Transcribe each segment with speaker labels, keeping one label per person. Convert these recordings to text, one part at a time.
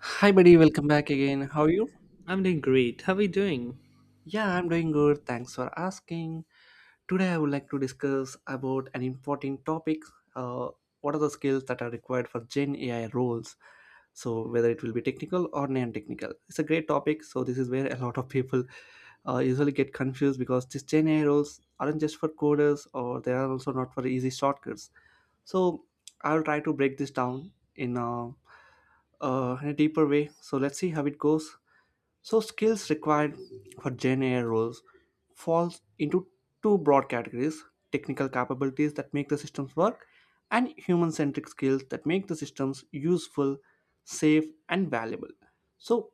Speaker 1: Hi, buddy. Welcome back again. How are you?
Speaker 2: I'm doing great. How are you doing?
Speaker 1: Yeah, I'm doing good. Thanks for asking. Today, I would like to discuss about an important topic. Uh, what are the skills that are required for Gen AI roles? So, whether it will be technical or non-technical, it's a great topic. So, this is where a lot of people usually get confused because these Gen AI roles aren't just for coders, or they are also not for easy shortcuts. So, I'll try to break this down in a deeper way. So, let's see how it goes. So skills required for Gen AI roles falls into two broad categories: technical capabilities that make the systems work, and human-centric skills that make the systems useful, safe, and valuable. So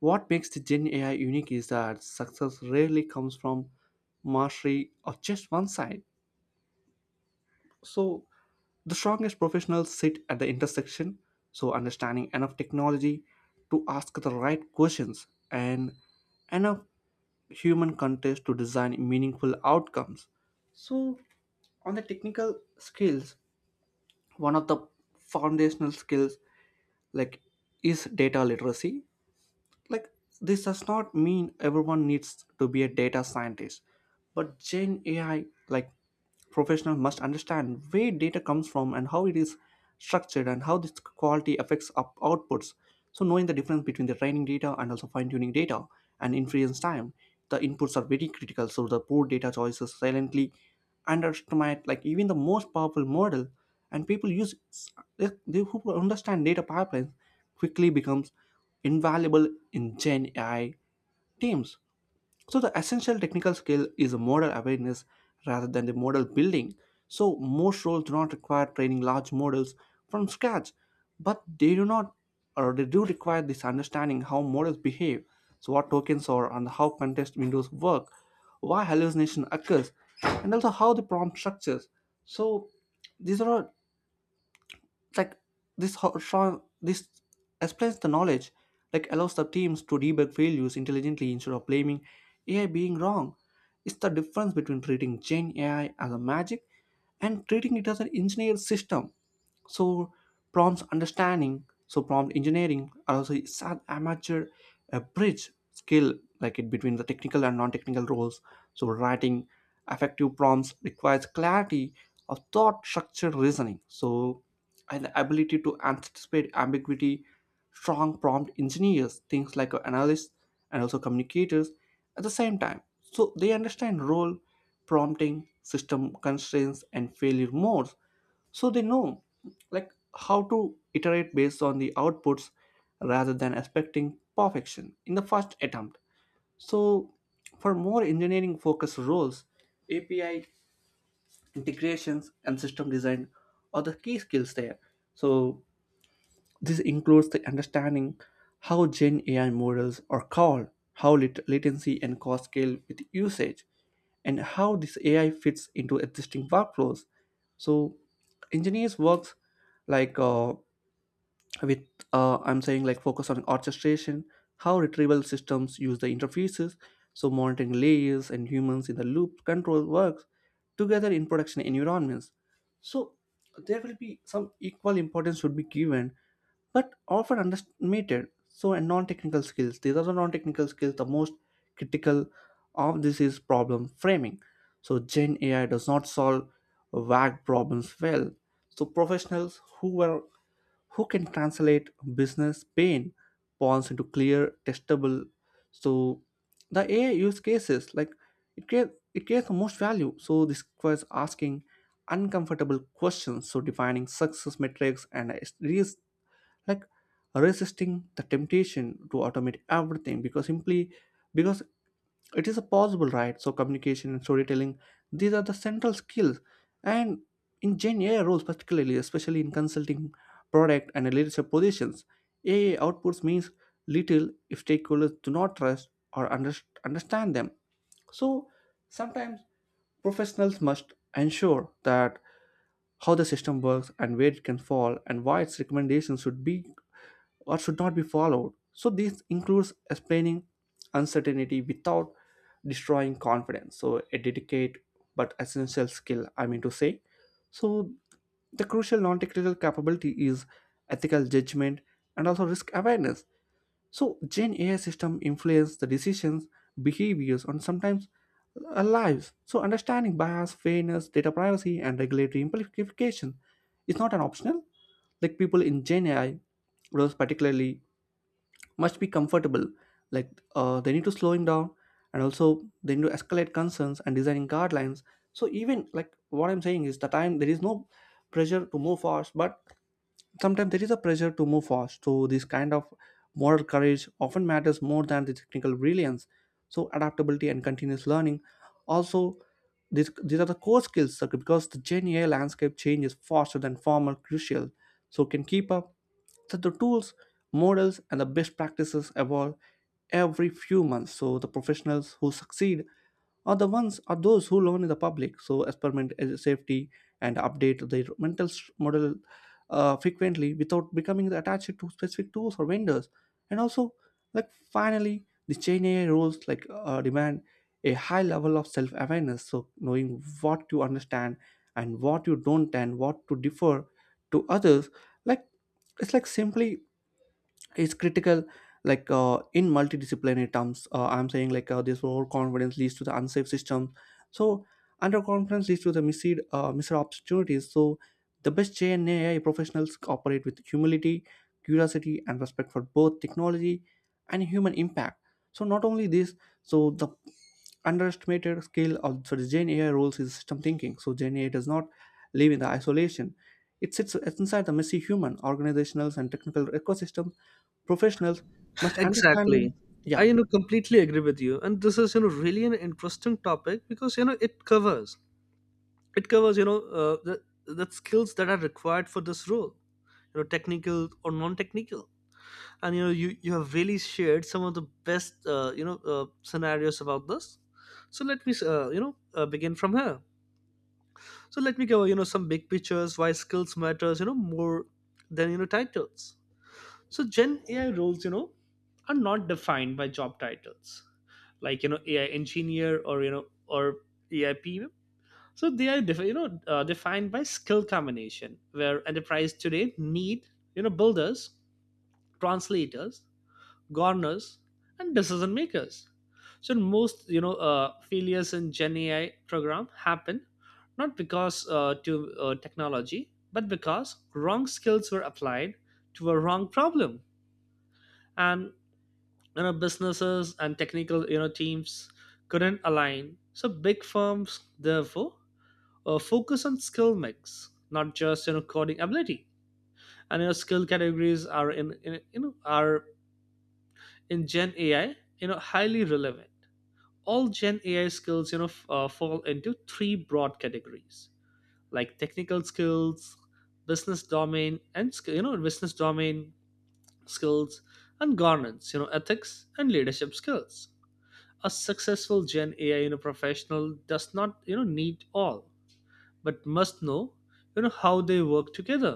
Speaker 1: what makes the Gen AI unique is that success rarely comes from mastery of just one side. So the strongest professionals sit at the intersection, so understanding enough technology to ask the right questions and enough human contest to design meaningful outcomes. So, on the technical skills, one of the foundational skills like is data literacy. Like, this does not mean everyone needs to be a data scientist, but Gen AI, like, professional must understand where data comes from and how it is structured and how this quality affects up outputs. So knowing the difference between the training data and also fine-tuning data and inference time, the inputs are very critical. So the poor data choices silently underestimate like even the most powerful model and people use they who understand data pipelines quickly becomes invaluable in Gen AI teams. So the essential technical skill is model awareness rather than the model building. So most roles do not require training large models from scratch, but they do not or they do require this understanding how models behave, so what tokens are and how context windows work, why hallucination occurs, and also how the prompt structures. So these are all like this ho- show this explains the knowledge like allows the teams to debug failures intelligently instead of blaming AI being wrong. It's the difference between treating Gen AI as a magic and treating it as an engineered system. So prompt understanding, so prompt engineering are also is an amateur a bridge skill like it between the technical and non-technical roles. So writing effective prompts requires clarity of thought, structure, reasoning. So and the ability to anticipate ambiguity, strong prompt engineers, things like analysts and also communicators at the same time. So they understand role, prompting, system constraints, and failure modes. So they know like how to iterate based on the outputs rather than expecting perfection in the first attempt. So for more engineering focused roles, API integrations and system design are the key skills there. So this includes the understanding how Gen AI models are called, how latency and cost scale with usage, and how this AI fits into existing workflows. So engineers works like with I'm saying like focus on orchestration, how retrieval systems use the interfaces, so monitoring layers and humans in the loop control works together in production environments. So there will be some equal importance should be given but often underestimated. So, and non-technical skills. These are the non-technical skills. The most critical of this is problem framing. So, Gen AI does not solve vague problems well. So, professionals who are who can translate business pain points into clear, testable. So, the AI use cases like it creates the most value. So, this requires asking uncomfortable questions. So, defining success metrics and risk like resisting the temptation to automate everything because simply because it is a possible right. So communication and storytelling, these are the central skills and in Gen AI roles particularly, especially in consulting, product and leadership positions, AI outputs means little if stakeholders do not trust or understand them. So sometimes professionals must ensure that how the system works and where it can fall and why its recommendations should be or should not be followed. So, this includes explaining uncertainty without destroying confidence. So, a delicate but essential skill, I mean to say. So, the crucial non technical capability is ethical judgment and also risk awareness. So, Gen AI system influence the decisions, behaviors, and sometimes lives. So, understanding bias, fairness, data privacy, and regulatory implication is not an optional. Like people in Gen AI, roles particularly, must be comfortable. They need to slow him down, and also they need to escalate concerns and designing guidelines. So, even like what I'm saying is the time there is no pressure to move fast, but sometimes there is a pressure to move fast. So this kind of moral courage often matters more than the technical brilliance. So adaptability and continuous learning also these are the core skills. So because the Gen AI landscape changes faster than former crucial so can keep up. So the tools, models and the best practices evolve every few months. So the professionals who succeed are the ones, are those who learn in the public, so experiment as a safety and update their mental model frequently without becoming attached to specific tools or vendors. And also, like finally, the Chain AI rules demand a high level of self-awareness, so knowing what you understand and what you don't, and what to differ to others. Like it's like simply is critical in multidisciplinary terms I'm saying like this overconfidence leads to the unsafe system. So underconfidence leads to the missed opportunities. So the best JNA AI professionals operate with humility, curiosity and respect for both technology and human impact. So not only this, so the underestimated skill of, so the Gen AI roles is system thinking. So Gen AI does not live in the isolation. It sits inside the messy human, organizational, and technical ecosystem. Professionals must understand them.
Speaker 2: Exactly. I
Speaker 1: Yeah,
Speaker 2: completely agree with you. And this is really an interesting topic because it covers, the skills that are required for this role, technical or non-technical. And you have really shared some of the best, scenarios about this. So let me begin from here. So let me cover some big pictures, why skills matters more than titles. So Gen AI roles are not defined by job titles like AI engineer or you know or AI PM. So they are defined by skill combination where enterprise today need builders, translators, governors, and decision makers. So most failures in Gen AI program happen not because to technology, but because wrong skills were applied to a wrong problem, and businesses and technical teams couldn't align. So big firms therefore focus on skill mix, not just coding ability, and skill categories are in gen ai highly relevant. All gen ai skills fall into three broad categories like technical skills, business domain and business domain skills, and governance ethics and leadership skills. A successful gen ai professional does not need all but must know how they work together.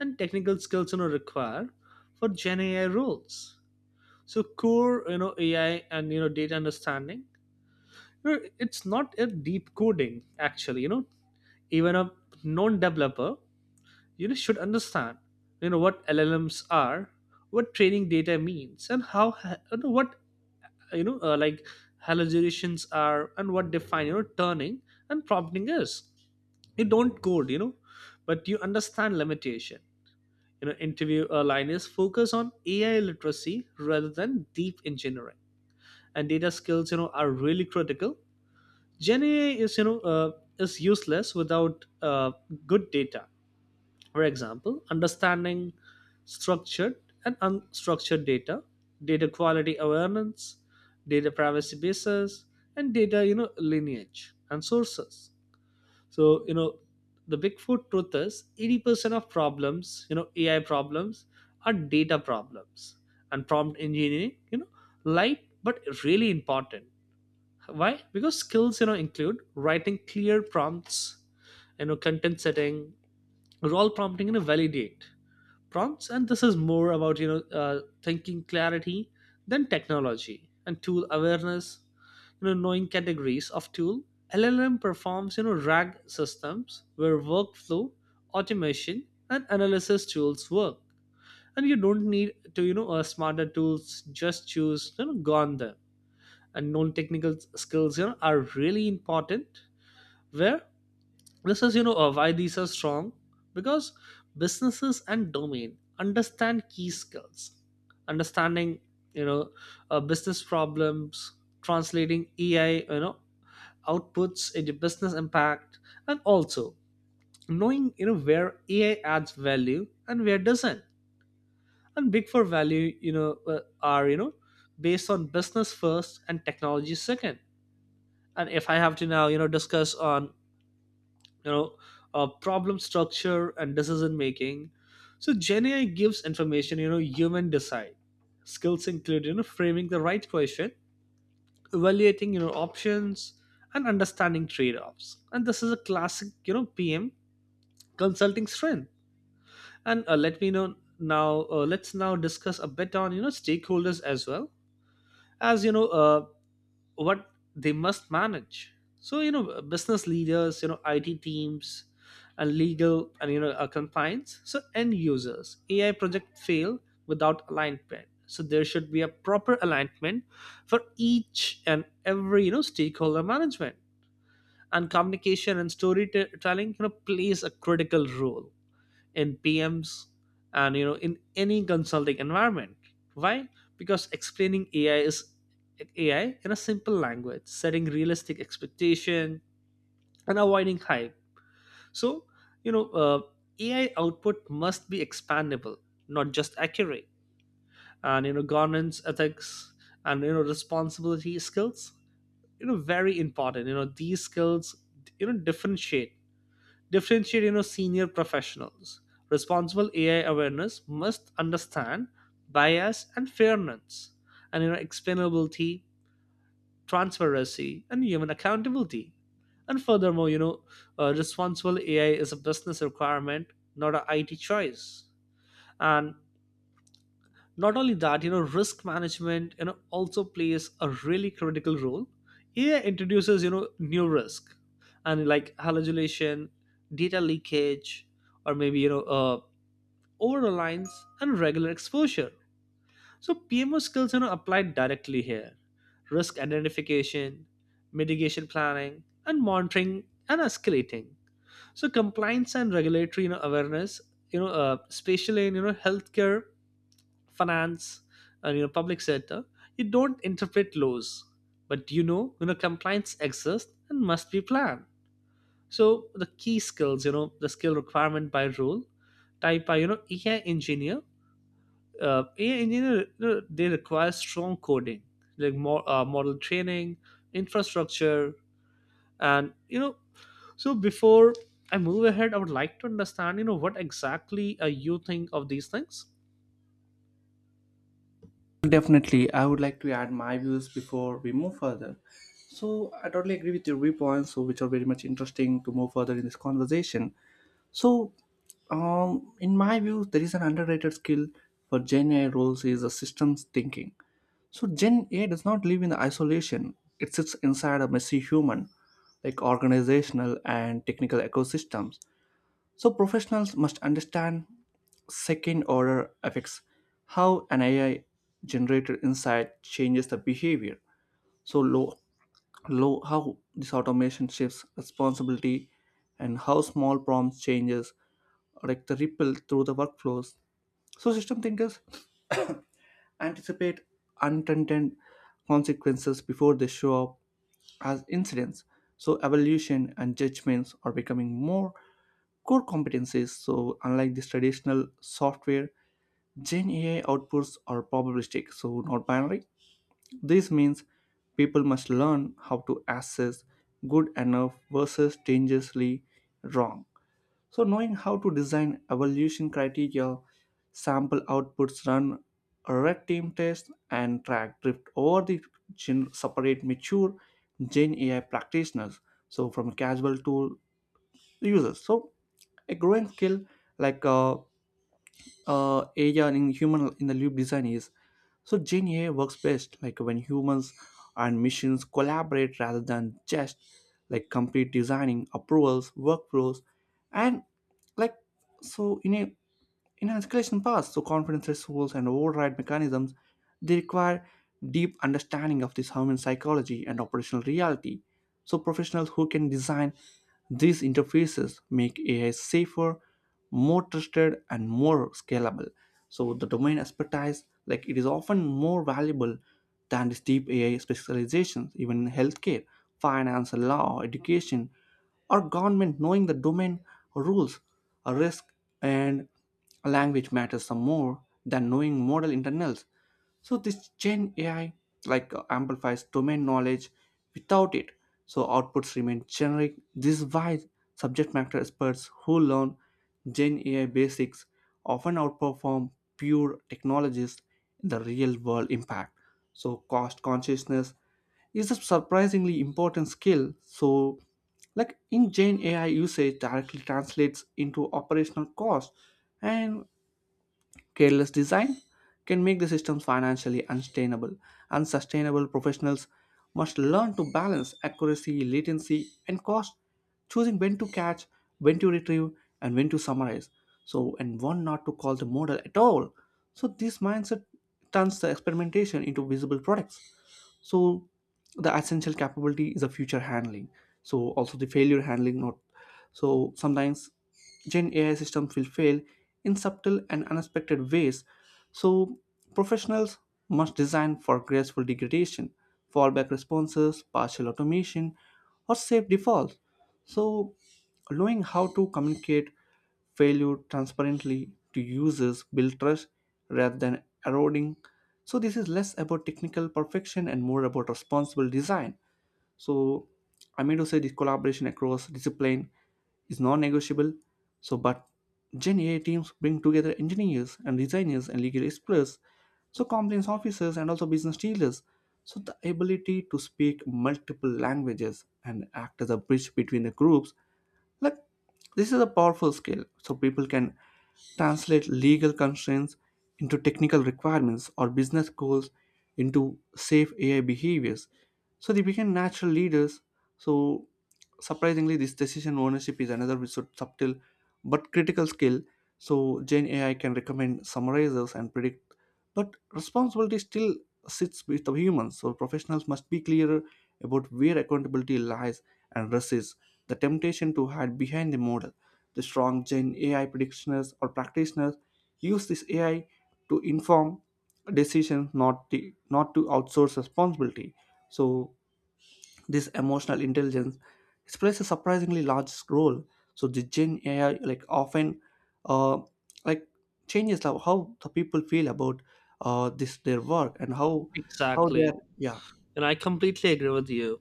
Speaker 2: And technical skills required for gen ai roles, so core ai and data understanding. It's not a deep coding actually, even a non-developer should understand what llms are, what training data means, and how ha- you know, what you know like hallucinations are, and what define turning and prompting is. You don't code, but you understand limitation. Interview line is focus on ai literacy rather than deep engineering. And data skills are really critical. Gen ai is you know is useless without good data. For example, understanding structured and unstructured data, data quality awareness, data privacy basis, and data lineage and sources. So the bigfoot truth is 80% of problems, AI problems are data problems. And prompt engineering, light but really important. Why? Because skills, include writing clear prompts, content setting, role prompting, validate prompts, and this is more about thinking clarity than technology and tool awareness. Knowing categories of tool, llm performs, rag systems where workflow automation and analysis tools work, and you don't need to smarter tools, just choose gone them. And non-technical skills are really important, where this is why these are strong, because businesses and domain understand key skills. Understanding you know business problems, translating ai outputs into business impact, and also knowing where ai adds value and where doesn't, and big for value are based on business first and technology second. And if I have to now discuss on you know problem structure and decision making, so gen ai gives information, human decide. Skills include framing the right question, evaluating options, and understanding trade-offs, and this is a classic pm consulting strength. And let's now discuss a bit on stakeholders as well as what they must manage. So business leaders, it teams, and legal and compliance, so end users. Ai project fail without alignment, so there should be a proper alignment for each and every stakeholder management. And communication and storytelling plays a critical role in PMs and in any consulting environment. Why? Because explaining AI in a simple language, setting realistic expectation and avoiding hype. So you know uh, AI output must be expandable, not just accurate. And governance, ethics, and responsibility skills. Very important. These skills you know differentiate differentiate senior professionals. Responsible ai awareness must understand bias and fairness, and explainability, transparency and human accountability. And furthermore, you know responsible ai is a business requirement, not a it choice. And not only that, risk management also plays a really critical role. Ai introduces new risk, and like hallucination, data leakage, or maybe over reliance and regular exposure. So pmo skills applied directly here: risk identification, mitigation planning and monitoring and escalating. So compliance and regulatory awareness, you know especially in healthcare, finance, and public sector. You don't interpret laws, but compliance exists and must be planned. So the key skills, the skill requirement by role, type by ai engineer, you know they require strong coding like more model training, infrastructure and so before I move ahead, I would like to understand what exactly you think of these things.
Speaker 1: definitely. I would like to add my views before we move further. So I totally agree with your viewpoints, so which are very much interesting to move further in this conversation. So, in my view, there is an underrated skill for Gen A roles is a systems thinking. So Gen A does not live in isolation; it sits inside a messy human, like organizational and technical ecosystems. So professionals must understand second order effects, how an AI generated insight changes the behavior. So low how this automation shifts responsibility and how small prompts changes like the ripple through the workflows. So system thinkers anticipate unintended consequences before they show up as incidents. So, evaluation and judgments are becoming more core competencies. So, unlike this traditional software, Gen AI outputs are probabilistic, so not binary. This means people must learn how to assess good enough versus dangerously wrong. So, knowing how to design evaluation criteria, sample outputs, run red team tests, and track drift over the separate mature Gen AI practitioners. So, from casual to users. So, a growing skill like uh, area in human in the loop design is. So Gen AI works best like when humans and machines collaborate rather than just like complete designing approvals, workflows, and like so in an escalation path, so confidence thresholds and override mechanisms, they require deep understanding of this human psychology and operational reality. So, professionals who can design these interfaces make AI safer, more trusted, and more scalable. So, the domain expertise, like it is often more valuable than these deep AI specializations, even in healthcare, finance, law, education, or government. Knowing the domain rules, risk, and language matters some more than knowing model internals. So this Gen AI amplifies domain knowledge. Without it, so outputs remain generic. This is why subject matter experts who learn Gen AI basics often outperform pure technologists in the real world impact. So cost consciousness is a surprisingly important skill. So like in Gen AI usage directly translates into operational cost and careless design can make the systems financially unsustainable. Unsustainable professionals must learn to balance accuracy, latency, and cost, choosing when to catch, when to retrieve, and when to summarize. So, and one not to call the model at all. So, this mindset turns the experimentation into visible products. So the essential capability is a future handling, so also the failure handling not, so sometimes Gen AI systems will fail in subtle and unexpected ways. So professionals must design for graceful degradation, fallback responses, partial automation or safe defaults. So knowing how to communicate failure transparently to users build trust rather than eroding. So this is less about technical perfection and more about responsible design. So I mean to say this collaboration across discipline is non-negotiable. So but Gen AI teams bring together engineers and designers and legal experts, so compliance officers and also business dealers. So the ability to speak multiple languages and act as a bridge between the groups, like, this is a powerful skill, so people can translate legal constraints into technical requirements or business goals into safe AI behaviors. So they become natural leaders. So surprisingly, this decision ownership is another subtle but critical skill. So Gen AI can recommend summarizers and predict, but responsibility still sits with the humans. So professionals must be clearer about where accountability lies and risk is the temptation to hide behind the model. The strong Gen AI practitioners use this AI to inform decisions, not to outsource responsibility. So this emotional intelligence, it plays a surprisingly large role. So the Gen AI like often, uh, like changes how the people feel about this their work and how
Speaker 2: Exactly,
Speaker 1: they're, yeah.
Speaker 2: and I completely agree with you.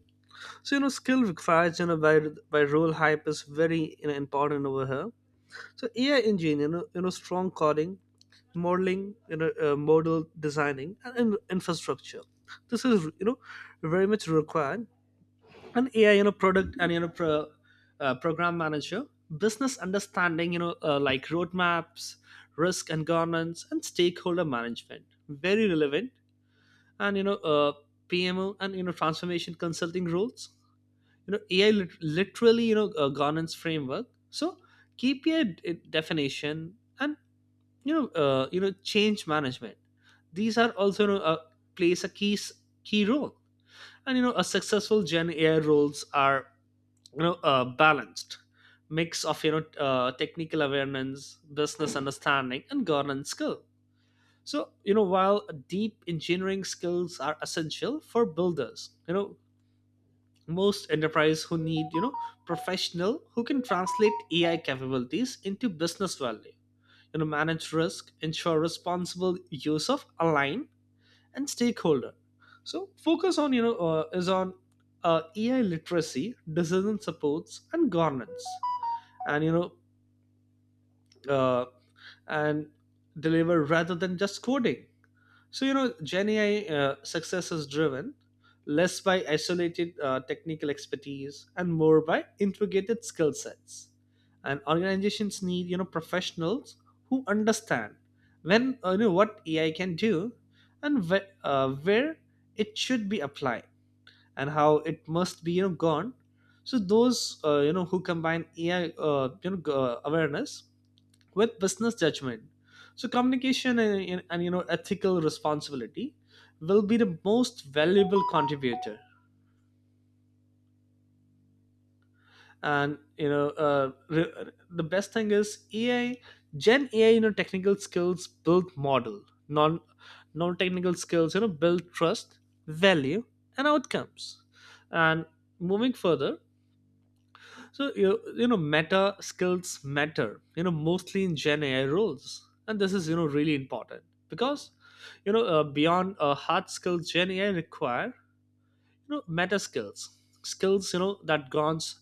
Speaker 2: So, skill required by role hype is very, important over here. So AI engine, strong coding, modeling, model designing, and infrastructure. This is very much required. And AI, product and program manager, business understanding, like roadmaps, risk and governance, and stakeholder management, very relevant. And PMO and transformation consulting roles, ai literally a governance framework, so keep your definition and change management, these are also plays a key role. And a successful gen ai roles are balanced mix of technical awareness, business understanding and governance skill. So while deep engineering skills are essential for builders, you know, most enterprise who need professional who can translate ai capabilities into business value, manage risk, ensure responsible use of align and stakeholder. So focus on you know is on ai literacy, decision supports and governance, and uh, and deliver rather than just coding. So, Gen AI success is driven less by isolated technical expertise and more by integrated skill sets. And organizations need professionals who understand when you know what AI can do, and where it should be applied, and how it must be gone. So those who combine AI awareness with business judgment, so communication and ethical responsibility will be the most valuable contributor. And the best thing is ai gen ai technical skills build model. Non non technical skills build trust, value, and outcomes. And moving further. So meta skills matter. Mostly in Gen AI roles, and this is really important, because beyond hard skills, Gen AI require meta skills, skills that gaunts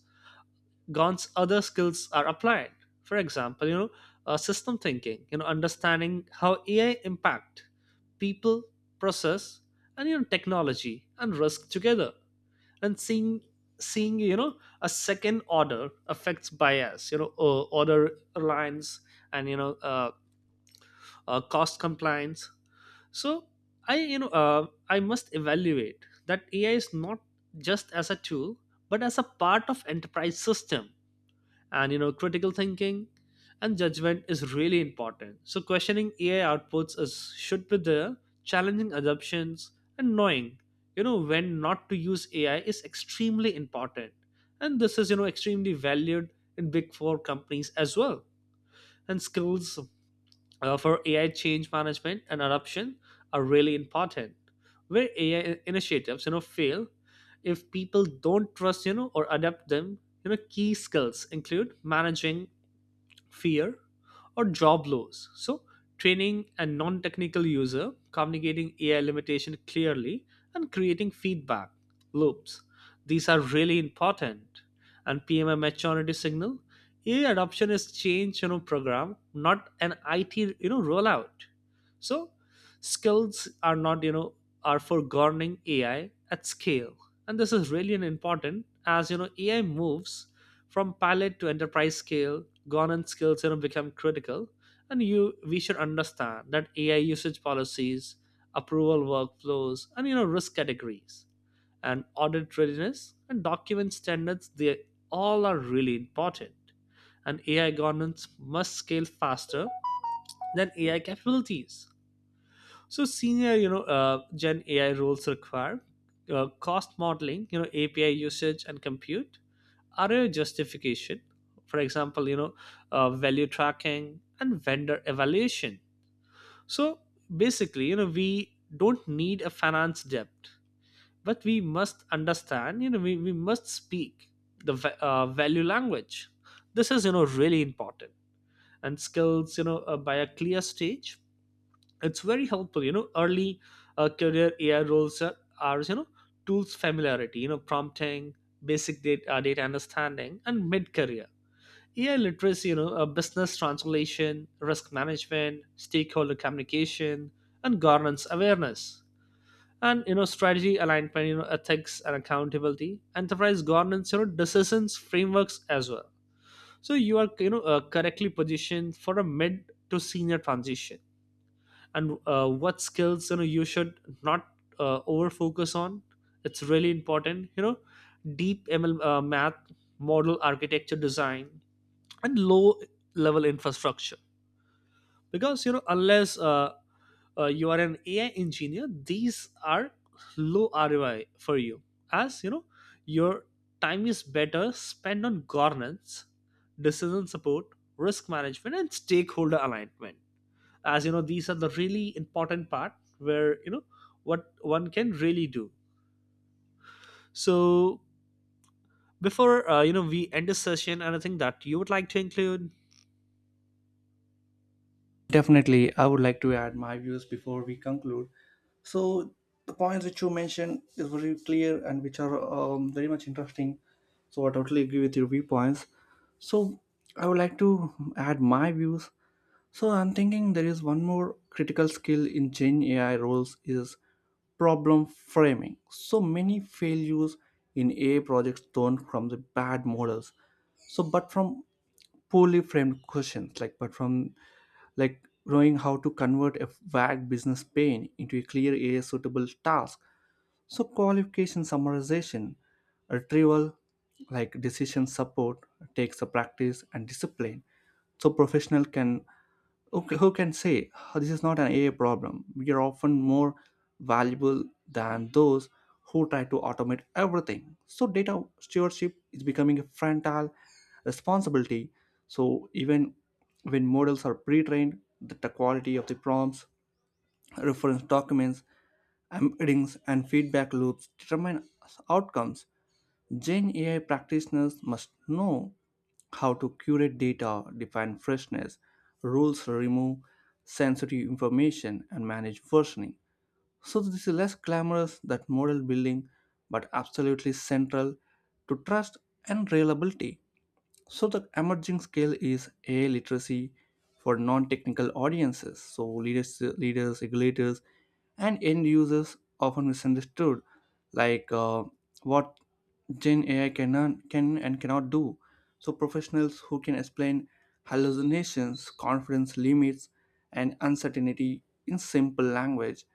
Speaker 2: gaunts other skills are applied. For example, system thinking, understanding how AI impact people, process, and technology and risk together, and seeing a second order affects bias, order reliance, and cost compliance. So I you know I must evaluate that ai is not just as a tool but as a part of enterprise system. And critical thinking and judgment is really important, so questioning ai outputs is should be there, challenging assumptions, and knowing when not to use ai is extremely important, and this is extremely valued in big four companies as well. And skills for ai change management and adoption are really important, where ai initiatives fail if people don't trust or adapt them. Key skills include managing fear or job loss. So, training a non technical user, communicating AI limitation clearly, and creating feedback loops. These are really important. And PMI maturity signal. AI adoption is change, program, not an IT, rollout. So skills are not, are for governing AI at scale. And this is really an important as AI moves from pilot to enterprise scale, governance skills, become critical, and you we should understand that AI usage policies, approval workflows, and risk categories, and audit readiness and document standards. They all are really important, and AI governance must scale faster than AI capabilities. So senior, Gen AI roles require cost modeling, API usage and compute, ROI justification, for example, value tracking and vendor evaluation. So basically, we don't need a finance depth, but we must understand, we must speak the value language. This is, really important. And skills, by a clear stage, it's very helpful. Early career ai roles are tools familiarity, prompting, basic data, data understanding, and mid career ai literacy, business translation, risk management, stakeholder communication and governance awareness, and strategy alignment, ethics and accountability, enterprise governance decisions frameworks as well. So you are correctly positioned for a mid to senior transition. And what skills you should not over focus on, it's really important, you know. Deep ml math, model architecture design, and low level infrastructure, because unless you are an ai engineer, these are low roi for you, as your time is better spent on governance, decision support, risk management and stakeholder alignment, as these are the really important part, where what one can really do. So before, we end this session, anything that you would like to include?
Speaker 1: Definitely, I would like to add my views before we conclude. So the points which you mentioned is very clear and which are very much interesting. So I totally agree with your viewpoints. So I would like to add my views. So I'm thinking there is one more critical skill in Gen AI roles is problem framing. So many failures in AI projects don't from the bad models. So but from poorly framed questions, but from, like, knowing how to convert a vague business pain into a clear area suitable task. So qualification, summarization, retrieval, like decision support takes a practice and discipline. So professional can, okay, who can say, "Oh, this is not an AI problem?" We are often more valuable than those who try to automate everything. So data stewardship is becoming a frontal responsibility. So even when models are pre trained, the quality of the prompts, reference documents, embeddings, and feedback loops determine outcomes. Gen AI practitioners must know how to curate data, define freshness, rules, remove sensitive information, and manage versioning. So this is less glamorous than model building, but absolutely central to trust and reliability. So the emerging skill is AI literacy for non-technical audiences. So leaders, regulators, and end users often misunderstood, like uh, what Gen AI can and cannot do. So professionals who can explain hallucinations, confidence limits, and uncertainty in simple language.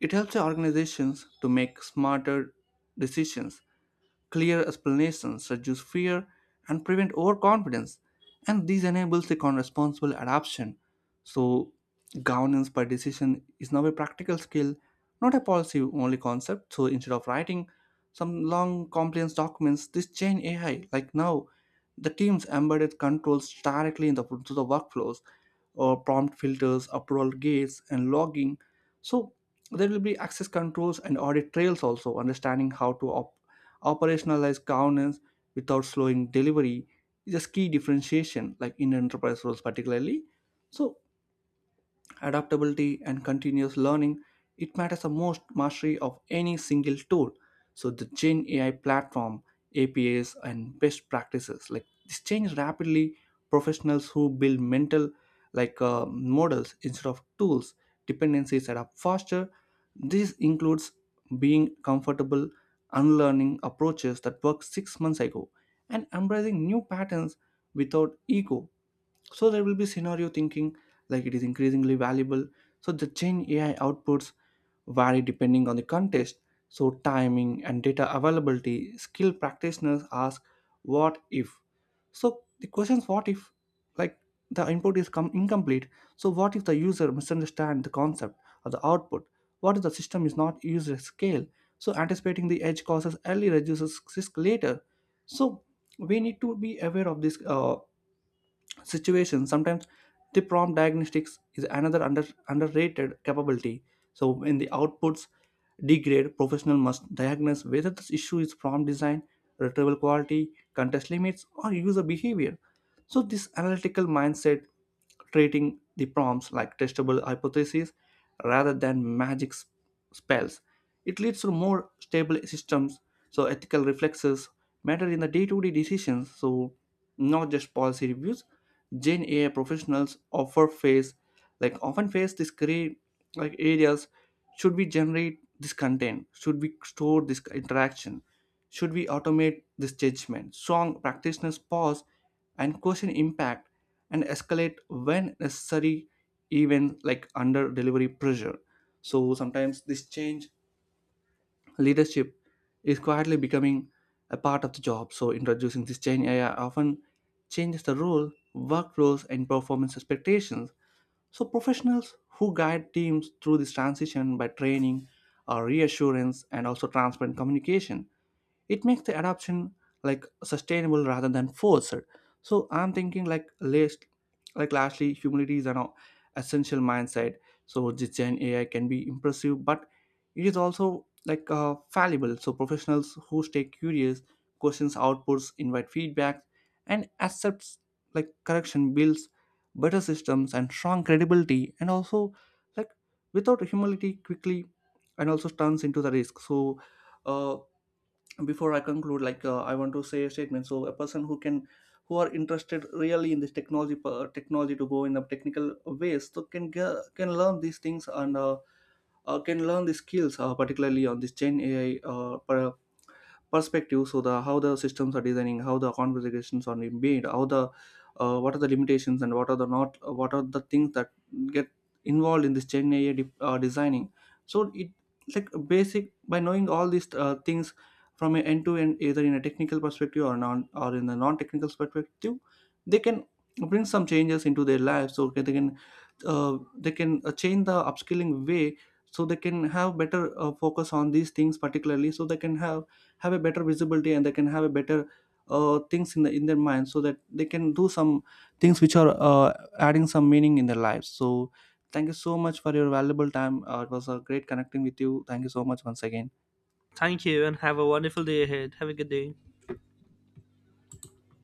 Speaker 1: It helps the organizations to make smarter decisions. Clear explanations reduce fear and prevent overconfidence, and this enables a responsible adoption. So governance by decision is now a practical skill, not a policy only concept. So instead of writing some long compliance documents, this chain AI, like, now the teams embedded controls directly into to the workflows, prompt filters, approval gates, and logging. So there will be access controls and audit trails also. Understanding how to operationalize governance without slowing delivery is a key differentiation, like in enterprise roles particularly. So adaptability and continuous learning, it matters the most mastery of any single tool. So the Gen AI platform, apas, and best practices, like this, change rapidly. Professionals who build mental, models instead of tools dependencies set up faster. This includes being comfortable unlearning approaches that worked six months ago and embracing new patterns without ego. So there will be scenario thinking, like, it is increasingly valuable. So the Gen AI outputs vary depending on the context. So timing and data availability, skilled practitioners ask what if. So the questions what if, like, the incomplete. So what if the user misunderstand the concept or the output? What if the system is not used at scale? So anticipating the edge causes early reduces risk later. So we need to be aware of this. Situations sometimes the prompt diagnostics is another underrated capability. So when the outputs degrade, professional must diagnose whether this issue is prompt design, retrieval quality, contest limits, or user behavior. So this analytical mindset, treating the prompts like testable hypotheses rather than magic spells, it leads to more stable systems. So ethical reflexes matter in the day-to-day decisions, so not just policy reviews. Gen AI professionals offer face, often face this gray, like, areas. Should we generate this content? Should we store this interaction? Should we automate this judgment? Strong practitioners pause and question impact and escalate when necessary, even like under delivery pressure. So sometimes this change leadership is quietly becoming a part of the job. So introducing this change AI often changes the role, work roles, and performance expectations. So professionals who guide teams through this transition by training, reassurance, and also transparent communication, it makes the adoption like sustainable rather than forced. So I'm thinking, lastly, humility is an essential mindset. So the Gen AI can be impressive, but it is also fallible. So professionals who stay curious, questions outputs, invite feedback, and accepts like correction builds better systems and strong credibility, and also, like, without humility quickly and also turns into the risk. So uh, before I conclude, I want to say a statement. So a person who can, who are interested really in this technology, technology to go in the technical ways, so can learn these things, and can learn the skills, particularly on this Gen AI perspective. So the how the systems are designing, how the conversations are made, how the, what are the limitations and what are the not, what are the things that get involved in this Gen AI designing. So it, like, basic by knowing all these things from an end to end, either in a technical perspective or non or in a non-technical perspective, they can bring some changes into their lives. So they can, uh, they can, change the upskilling way. So they can have better focus on these things particularly, so they can have a better visibility, and they can have a better, things in the in their mind, so that they can do some things which are, adding some meaning in their lives. So thank you so much for your valuable time. It was a great connecting with you. Thank you so much once again.
Speaker 2: Thank you, and have a wonderful day ahead. Have a good day.